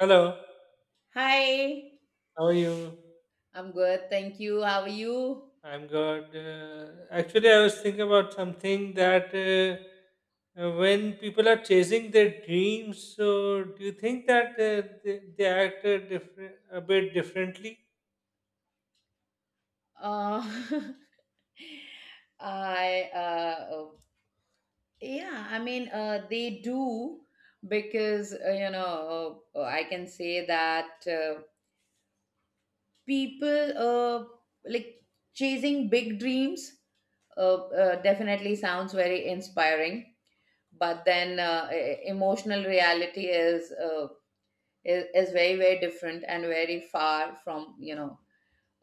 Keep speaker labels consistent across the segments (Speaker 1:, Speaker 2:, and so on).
Speaker 1: Hello,
Speaker 2: Hi,
Speaker 1: how are you?
Speaker 2: I'm good. Thank you. How are you?
Speaker 1: I'm good. Actually, I was thinking about something that when people are chasing their dreams, so do you think that they act a bit differently?
Speaker 2: Uh, I oh, yeah. I mean, they do, because I can say that people, like, chasing big dreams definitely sounds very inspiring, but then emotional reality is, is very very different, and very far from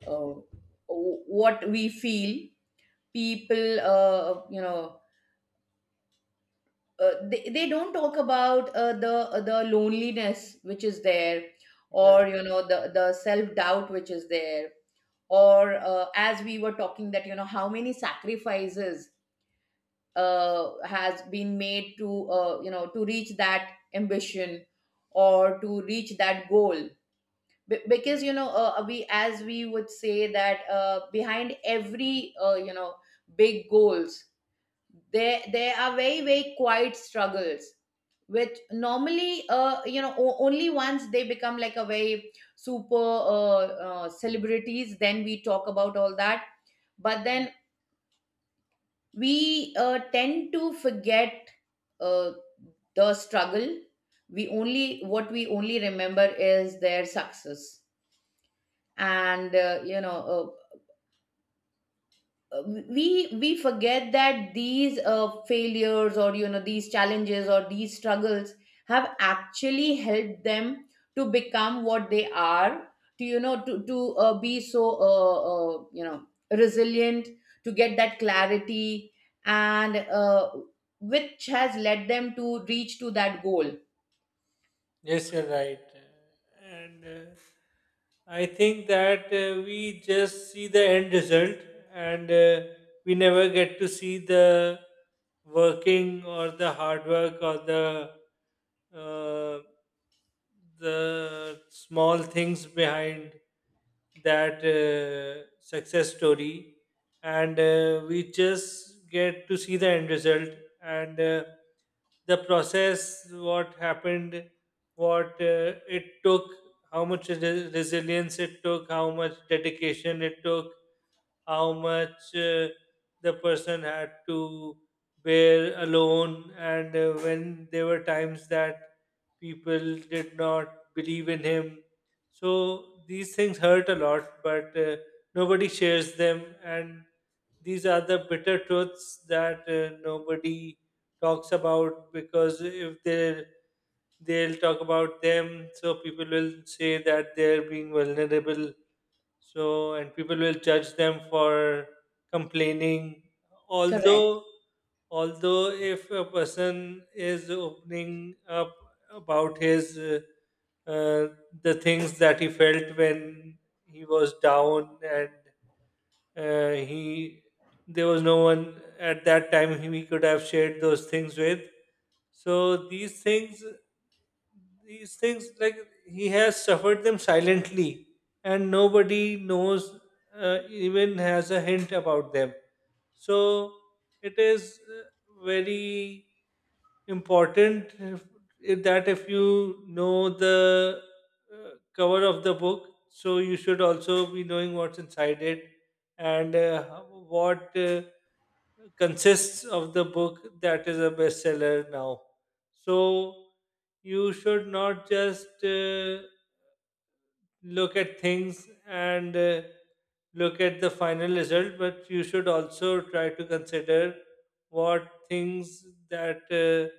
Speaker 2: uh, what we feel. People, they don't talk about the loneliness which is there,
Speaker 1: Yeah.
Speaker 2: or the self doubt which is there, or as we were talking, that how many sacrifices has been made to to reach that ambition, or to reach that goal. Because we, as we would say, that behind every, big goals, there are very very quiet struggles, which normally, only once they become like a very super, celebrities, then we talk about all that. But then we, tend to forget, uh, the struggle. We only, what we only remember, is their success. And, uh, we forget that these, failures, or these challenges, or these struggles, have actually helped them to become what they are, to be so, resilient, to get that clarity, and which has led them to reach to that goal.
Speaker 1: Yes, you're right. And I think that we just see the end result, and we never get to see the working or the hard work or uh, the small things behind that success story, and we just get to see the end result, and the process, what happened, what it took, how much resilience it took, how much dedication it took, how much the person had to bear alone, and when there were times that people did not believe in him. So these things hurt a lot, but nobody shares them. And these are the bitter truths that nobody talks about, because if they'll talk about them, so people will say that they're being vulnerable, so, and people will judge them for complaining.
Speaker 2: Correct.
Speaker 1: Although, although if a person is opening up about his uh, the things that he felt when he was down and he there was no one at that time he could have shared those things with, so these things, like he has suffered them silently, and nobody knows, even has a hint about them, so it is very important, if that, if you know the cover of the book, so you should also be knowing what's inside it, and what consists of the book that is a bestseller now. So you should not just look at things and look at the final result, but you should also try to consider what things that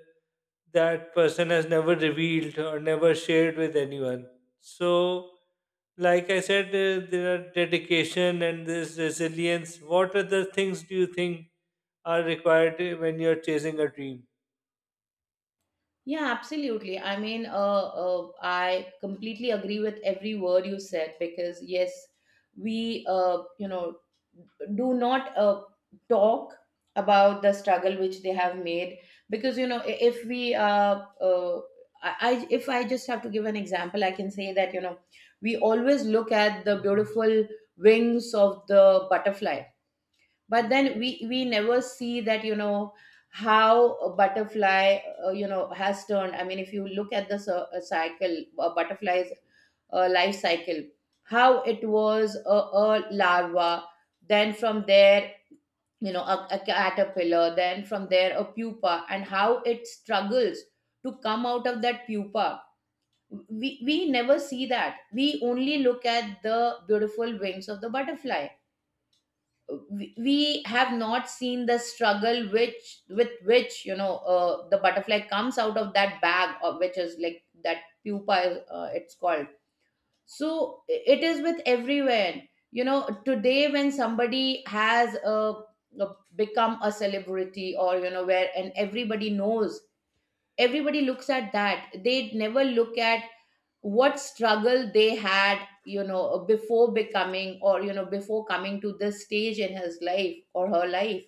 Speaker 1: that person has never revealed or never shared with anyone. So, like I said, there are dedication and this resilience. What other things do you think are required when you're chasing a dream?
Speaker 2: Yeah, absolutely. I mean, I completely agree with every word you said, because yes, we, do not, talk about the struggle which they have made, because you know I- if we uh I if I just have to give an example, I can say that we always look at the beautiful wings of the butterfly, but
Speaker 1: Mm.
Speaker 2: then we never see that, how a butterfly, has turned. I mean, if you look at the cycle, a butterfly's life cycle, how it was a larva, then from there, a caterpillar, then from there a pupa, and how it struggles to come out of that pupa. We never see that, we only look at the beautiful wings of the butterfly. We have not seen the struggle which with which, the butterfly comes out of that bag, or which is like that pupa, it's called. So it is with everyone. Today, when somebody has become a celebrity, or where, and everybody knows, everybody looks at that, they never look at what struggle they had, before becoming, or before coming to this stage in his life or her life.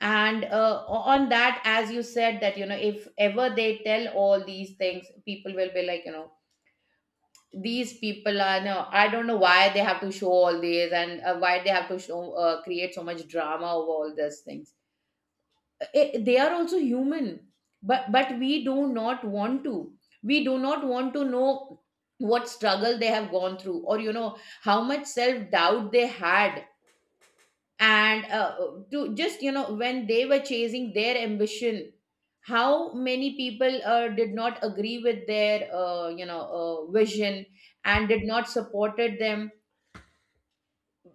Speaker 2: And on that, as you said, that if ever they tell all these things, people will be like, these people are, no, I don't know why they have to show all these, and why they have to show create so much drama over all these things. Eh, they are also human, but we do not want to, we do not want to know what struggle they have gone through, or how much self doubt they had, and to just, when they were chasing their ambition, how many people did not agree with their, vision, and did not supported them.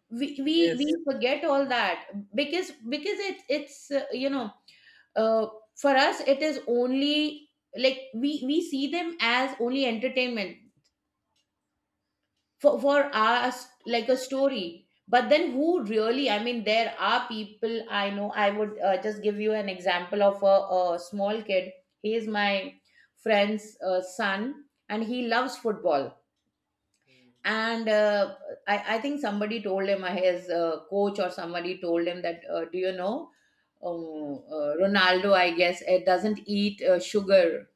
Speaker 2: We
Speaker 1: Yes.
Speaker 2: forget all that. Because it's uh, for us it is only, like, we see them as only entertainment. For us, like a story. But then, who really? I mean, there are people I know. I would just give you an example of a small kid. He is my friend's son, and he loves football.
Speaker 1: Mm.
Speaker 2: And I think somebody told him, his coach or somebody told him that do you know, Ronaldo, I guess, it doesn't eat sugar,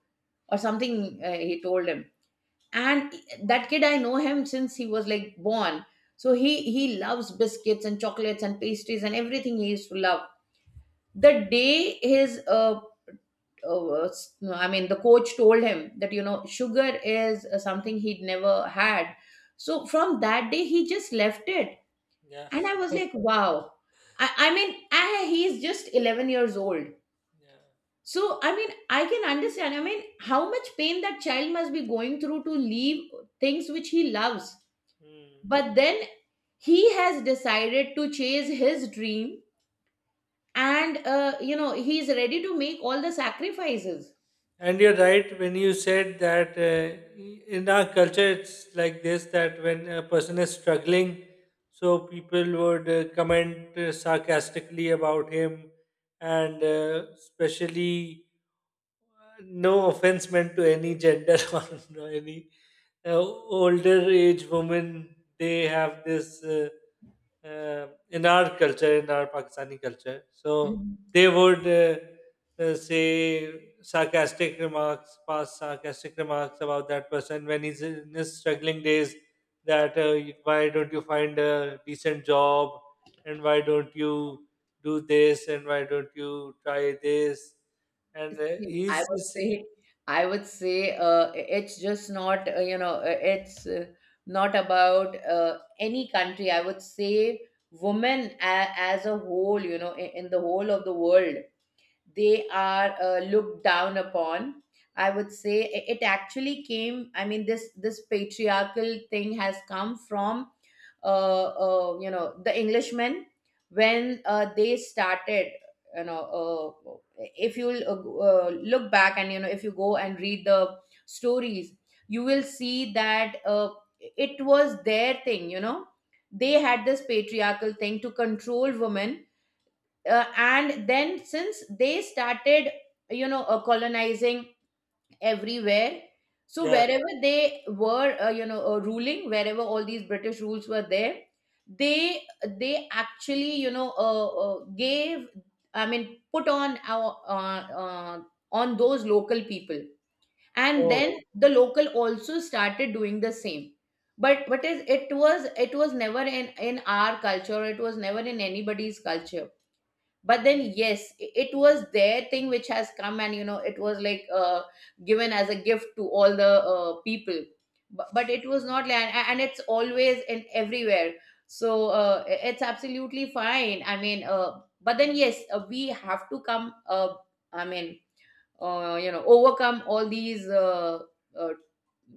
Speaker 2: or something, he told him. And that kid, I know him since he was like born, so he loves biscuits and chocolates and pastries and everything he used to love. The day his, uh I mean, the coach told him that sugar is something he'd never had, so from that day he just left it.
Speaker 1: Yeah.
Speaker 2: And I was like, wow. He's just 11 years old.
Speaker 1: Yeah.
Speaker 2: So, I mean, I can understand. I mean, how much pain that child must be going through to leave things which he loves.
Speaker 1: Mm.
Speaker 2: But then he has decided to chase his dream, and, he's ready to make all the sacrifices.
Speaker 1: And you're right when you said that in our culture it's like this, that when a person is struggling, so people would comment sarcastically about him, and especially no offense meant to any gender or no, any older age women, they have this. In our culture, in our Pakistani culture. So
Speaker 2: Mhm.
Speaker 1: they would say sarcastic remarks, pass sarcastic remarks about that person when he's in his struggling days. That why don't you find a decent job, and why don't you do this, and why don't you try this? And
Speaker 2: See, I would
Speaker 1: he's-
Speaker 2: say, I would say, uh, it's just not, it's not about any country. I would say, women, as a whole, in the whole of the world, they are looked down upon. I would say, it actually came, I mean, this patriarchal thing has come from, the englishmen, when they started, if you look back, and if you go and read the stories, you will see that it was their thing, they had this patriarchal thing to control women. And then, since they started, colonizing everywhere, so
Speaker 1: yeah,
Speaker 2: wherever they were, ruling, wherever all these british rules were there, they they actually, gave, I mean, put on our, on those local people, and
Speaker 1: oh
Speaker 2: then the local also started doing the same. But what is, it was never in our culture, it was never in anybody's culture. But then yes, it was their thing which has come, and it was like, given as a gift to all the people. But it was not like, and it's always and everywhere. So it's absolutely fine. I mean, but then yes, we have to come, I mean, overcome all these, uh,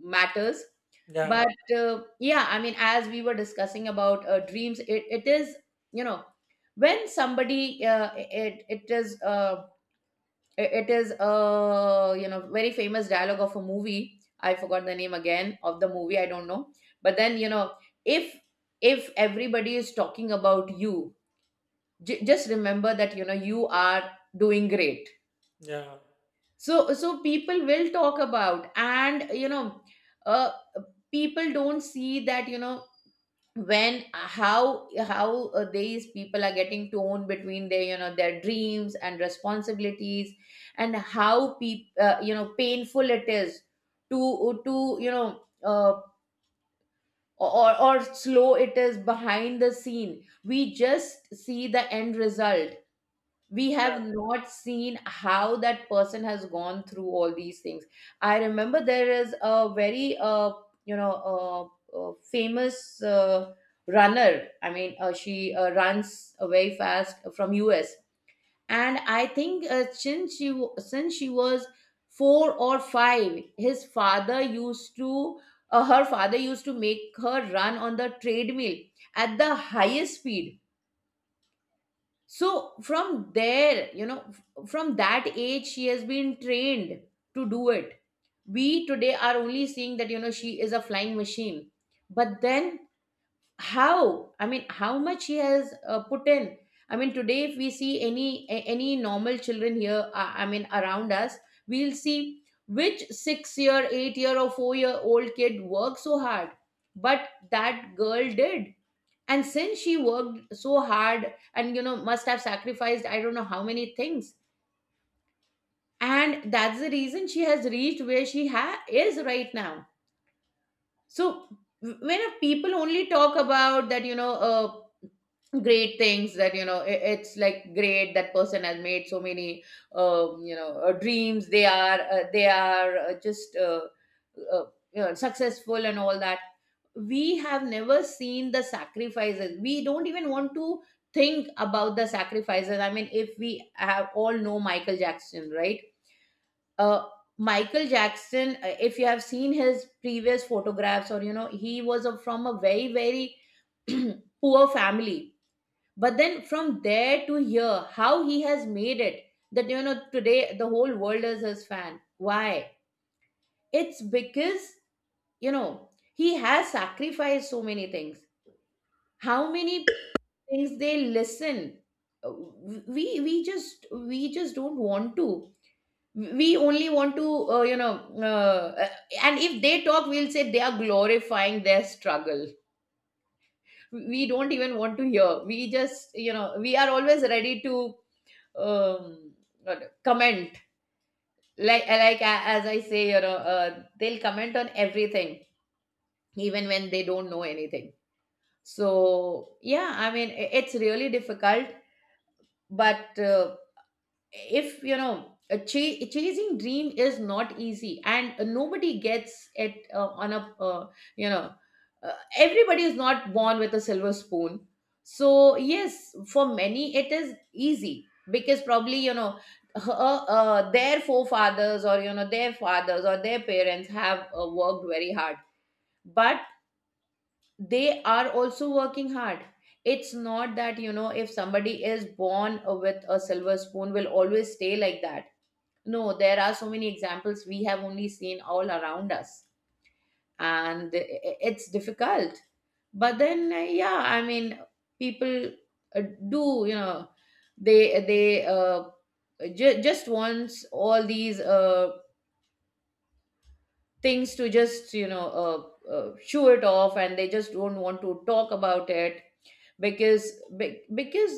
Speaker 2: matters.
Speaker 1: yeah,
Speaker 2: But yeah, I mean, as we were discussing about dreams, it is, you know, when somebody, it is a, you know, very famous dialogue of a movie. I forgot the name again of the movie, I don't know, but then, if if everybody is talking about you, just remember that, you know, you are doing great.
Speaker 1: yeah,
Speaker 2: So people will talk about, and uh, people don't see that, when, how these people are getting torn between their, their dreams and responsibilities, and how painful it is, to or slow it is behind the scene. We just see the end result, we have
Speaker 1: yeah.
Speaker 2: not seen how that person has gone through all these things.
Speaker 1: Yeah.
Speaker 2: I remember, there is a very famous runner, I mean, she runs very fast from us. And I think, since she was 4 or 5, his father used to her father used to make her run on the treadmill at the highest speed. So from there you know f- from that age, she has been trained to do it. We today are only seeing that, she is a flying machine. But then how, I mean, how much she has put in. I mean, today, if we see any, any normal children here, I mean, around us, we'll see which 6 year, 8 year or 4-year-old kid worked so hard. But that girl did. And since she worked so hard, and must have sacrificed, I don't know how many things, and that's the reason she has reached where is right now. So when a people only talk about that, great things, that it's like, great, that person has made so many, dreams. They are just, uh, successful and all that. We have never seen the sacrifices, we don't even want to think about the sacrifices. I mean, if we have all know, Michael Jackson, right? uh Michael Jackson, if you have seen his previous photographs, or he was from a very very poor family. But then from there to here, how he has made it, that, today the whole world is his fan. Why? It's because, you know he has sacrificed so many things. How many things, they listen. Uh, we just, we just don't want to, we only want to, uh, you know uh, uh, and if they talk, we'll say they are glorifying their struggle. We don't even want to hear, we just, we are always ready to, um, comment. Like as I say, they'll comment on everything, even when they don't know anything. So yeah, I mean, it's really difficult. But if you know, chasing dream is not easy, and nobody gets it, on a, you know everybody is not born with a silver spoon. So yes, for many it is easy, because probably, their forefathers, or their fathers or their parents have worked very hard. But they are also working hard. It's not that, if somebody is born with a silver spoon, will always stay like that. No, there are so many examples we have only seen all around us, and it's difficult. But then, yeah, I mean, people uh, do, they just wants all these things to just, shoo it off, and they just don't want to talk about it, because because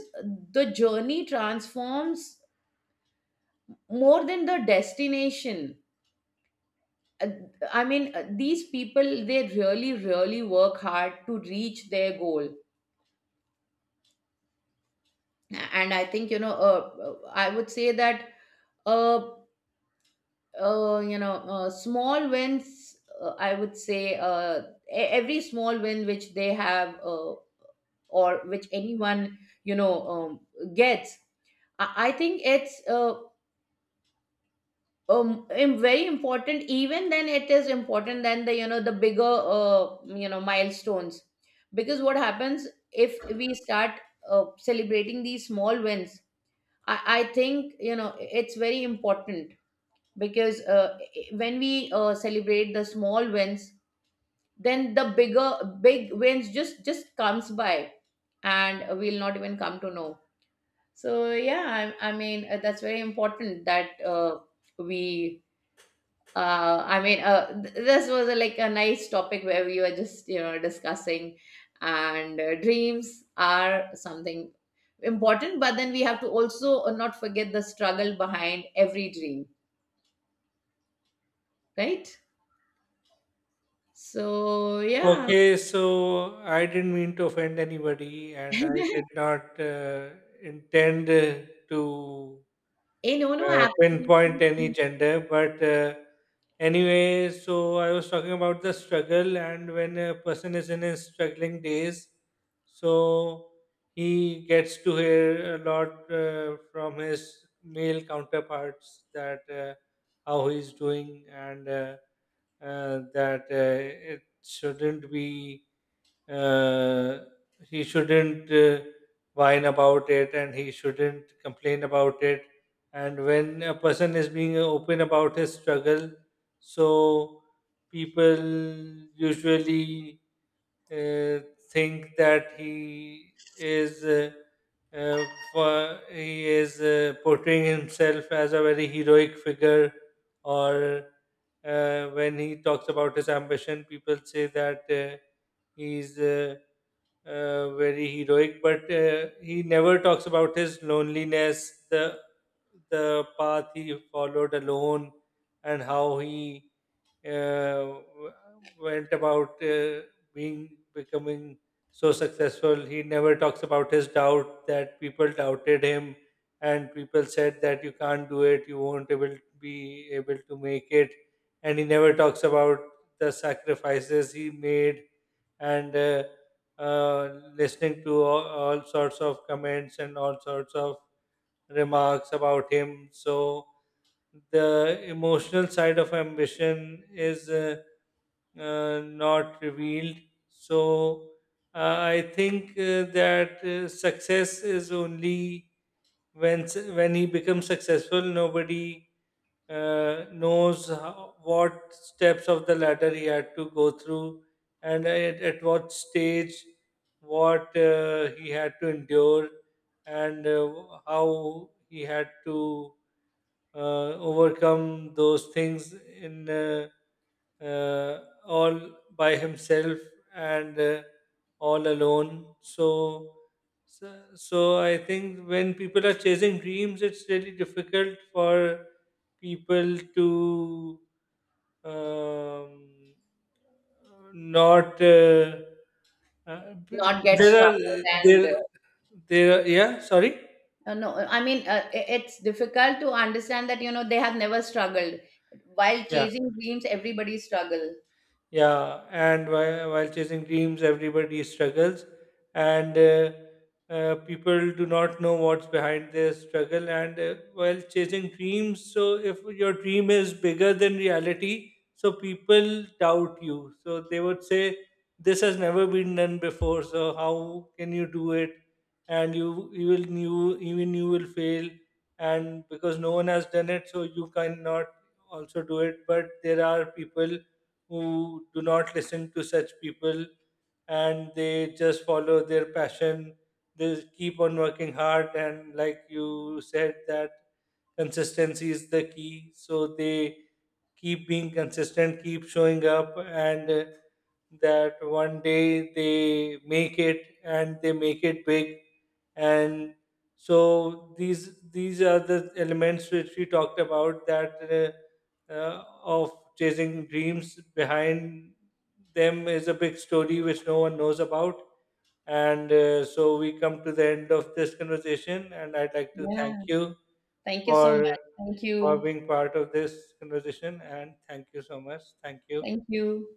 Speaker 2: the journey transforms more than the destination. uh, I mean, these people, they really, really work hard to reach their goal. And I think, you know, I would say that, uh, small wins, I would say, every small win which they have, or which anyone, you know, gets, I think it's, very important, even then it is important than the, the bigger, milestones. Because what happens, if we start celebrating these small wins, I think, you know, it's very important, because when we celebrate the small wins, then the bigger big wins just comes by, and we'll not even come to know. So yeah, I mean, that's very important, that we, I mean, this was like a nice topic where we were just, you know, discussing, and dreams are something important, but then we have to also not forget the struggle behind every dream, right? So, yeah.
Speaker 1: Okay, so I didn't mean to offend anybody, and I did not intend to
Speaker 2: Eh, no, no,
Speaker 1: pinpoint any
Speaker 2: absolutely,
Speaker 1: gender. But anyway, so I was talking about the struggle, and when a person is in his struggling days, so he gets to hear a lot from his male counterparts that how he's doing and that it shouldn't be uh, he shouldn't whine about it and he shouldn't complain about it. And when a person is being open about his struggle, so people usually uh, think that he is uh, he is portraying himself as a very heroic figure, or when he talks about his ambition, people say that he's very heroic, but he never talks about his loneliness, the path he followed alone, and how he uh, went about being becoming so successful. He never talks about his doubt, that people doubted him and people said that you can't do it, you won't able be able to make it, and he never talks about the sacrifices he made, and uh, listening to all sorts of comments and all sorts of remarks about him. So the emotional side of ambition is. Not revealed. So I think that success is only when when he becomes successful. Nobody knows how, what steps of the ladder he had to go through, and at what stage, what he had to endure, and how he had to uh, overcome those things in. Uh, all by himself and all alone. So, so, so I think when people are chasing dreams, it's really difficult for people to um, not. Uh, b-
Speaker 2: not get
Speaker 1: there are
Speaker 2: struggled and
Speaker 1: there there. Yeah, sorry.
Speaker 2: No, I mean, it's difficult to understand that, you know, they have never struggled. While
Speaker 1: Yeah.
Speaker 2: chasing dreams, everybody struggle.
Speaker 1: Yeah, and while chasing dreams, everybody struggles, and people do not know what's behind their struggle. And while chasing dreams, so if your dream is bigger than reality, so people doubt you. So they would say, "This has never been done before. So how can you do it?" And you will, you even you will fail, and because no one has done it, so you cannot also do it. But there are people who do not listen to such people, and they just follow their passion. They keep on working hard, and like you said, that consistency is the key. So they keep being consistent, keep showing up, and that one day they make it and they make it big. And so these are the elements which we talked about, that of chasing dreams, behind them is a big story which no one knows about. And so we come to the end of this conversation, and I'd like to thank
Speaker 2: Yeah.
Speaker 1: you
Speaker 2: Thank you so
Speaker 1: for
Speaker 2: much. Thank
Speaker 1: for
Speaker 2: you.
Speaker 1: being part of this conversation, and thank you so much. Thank
Speaker 2: Thank
Speaker 1: you.
Speaker 2: you.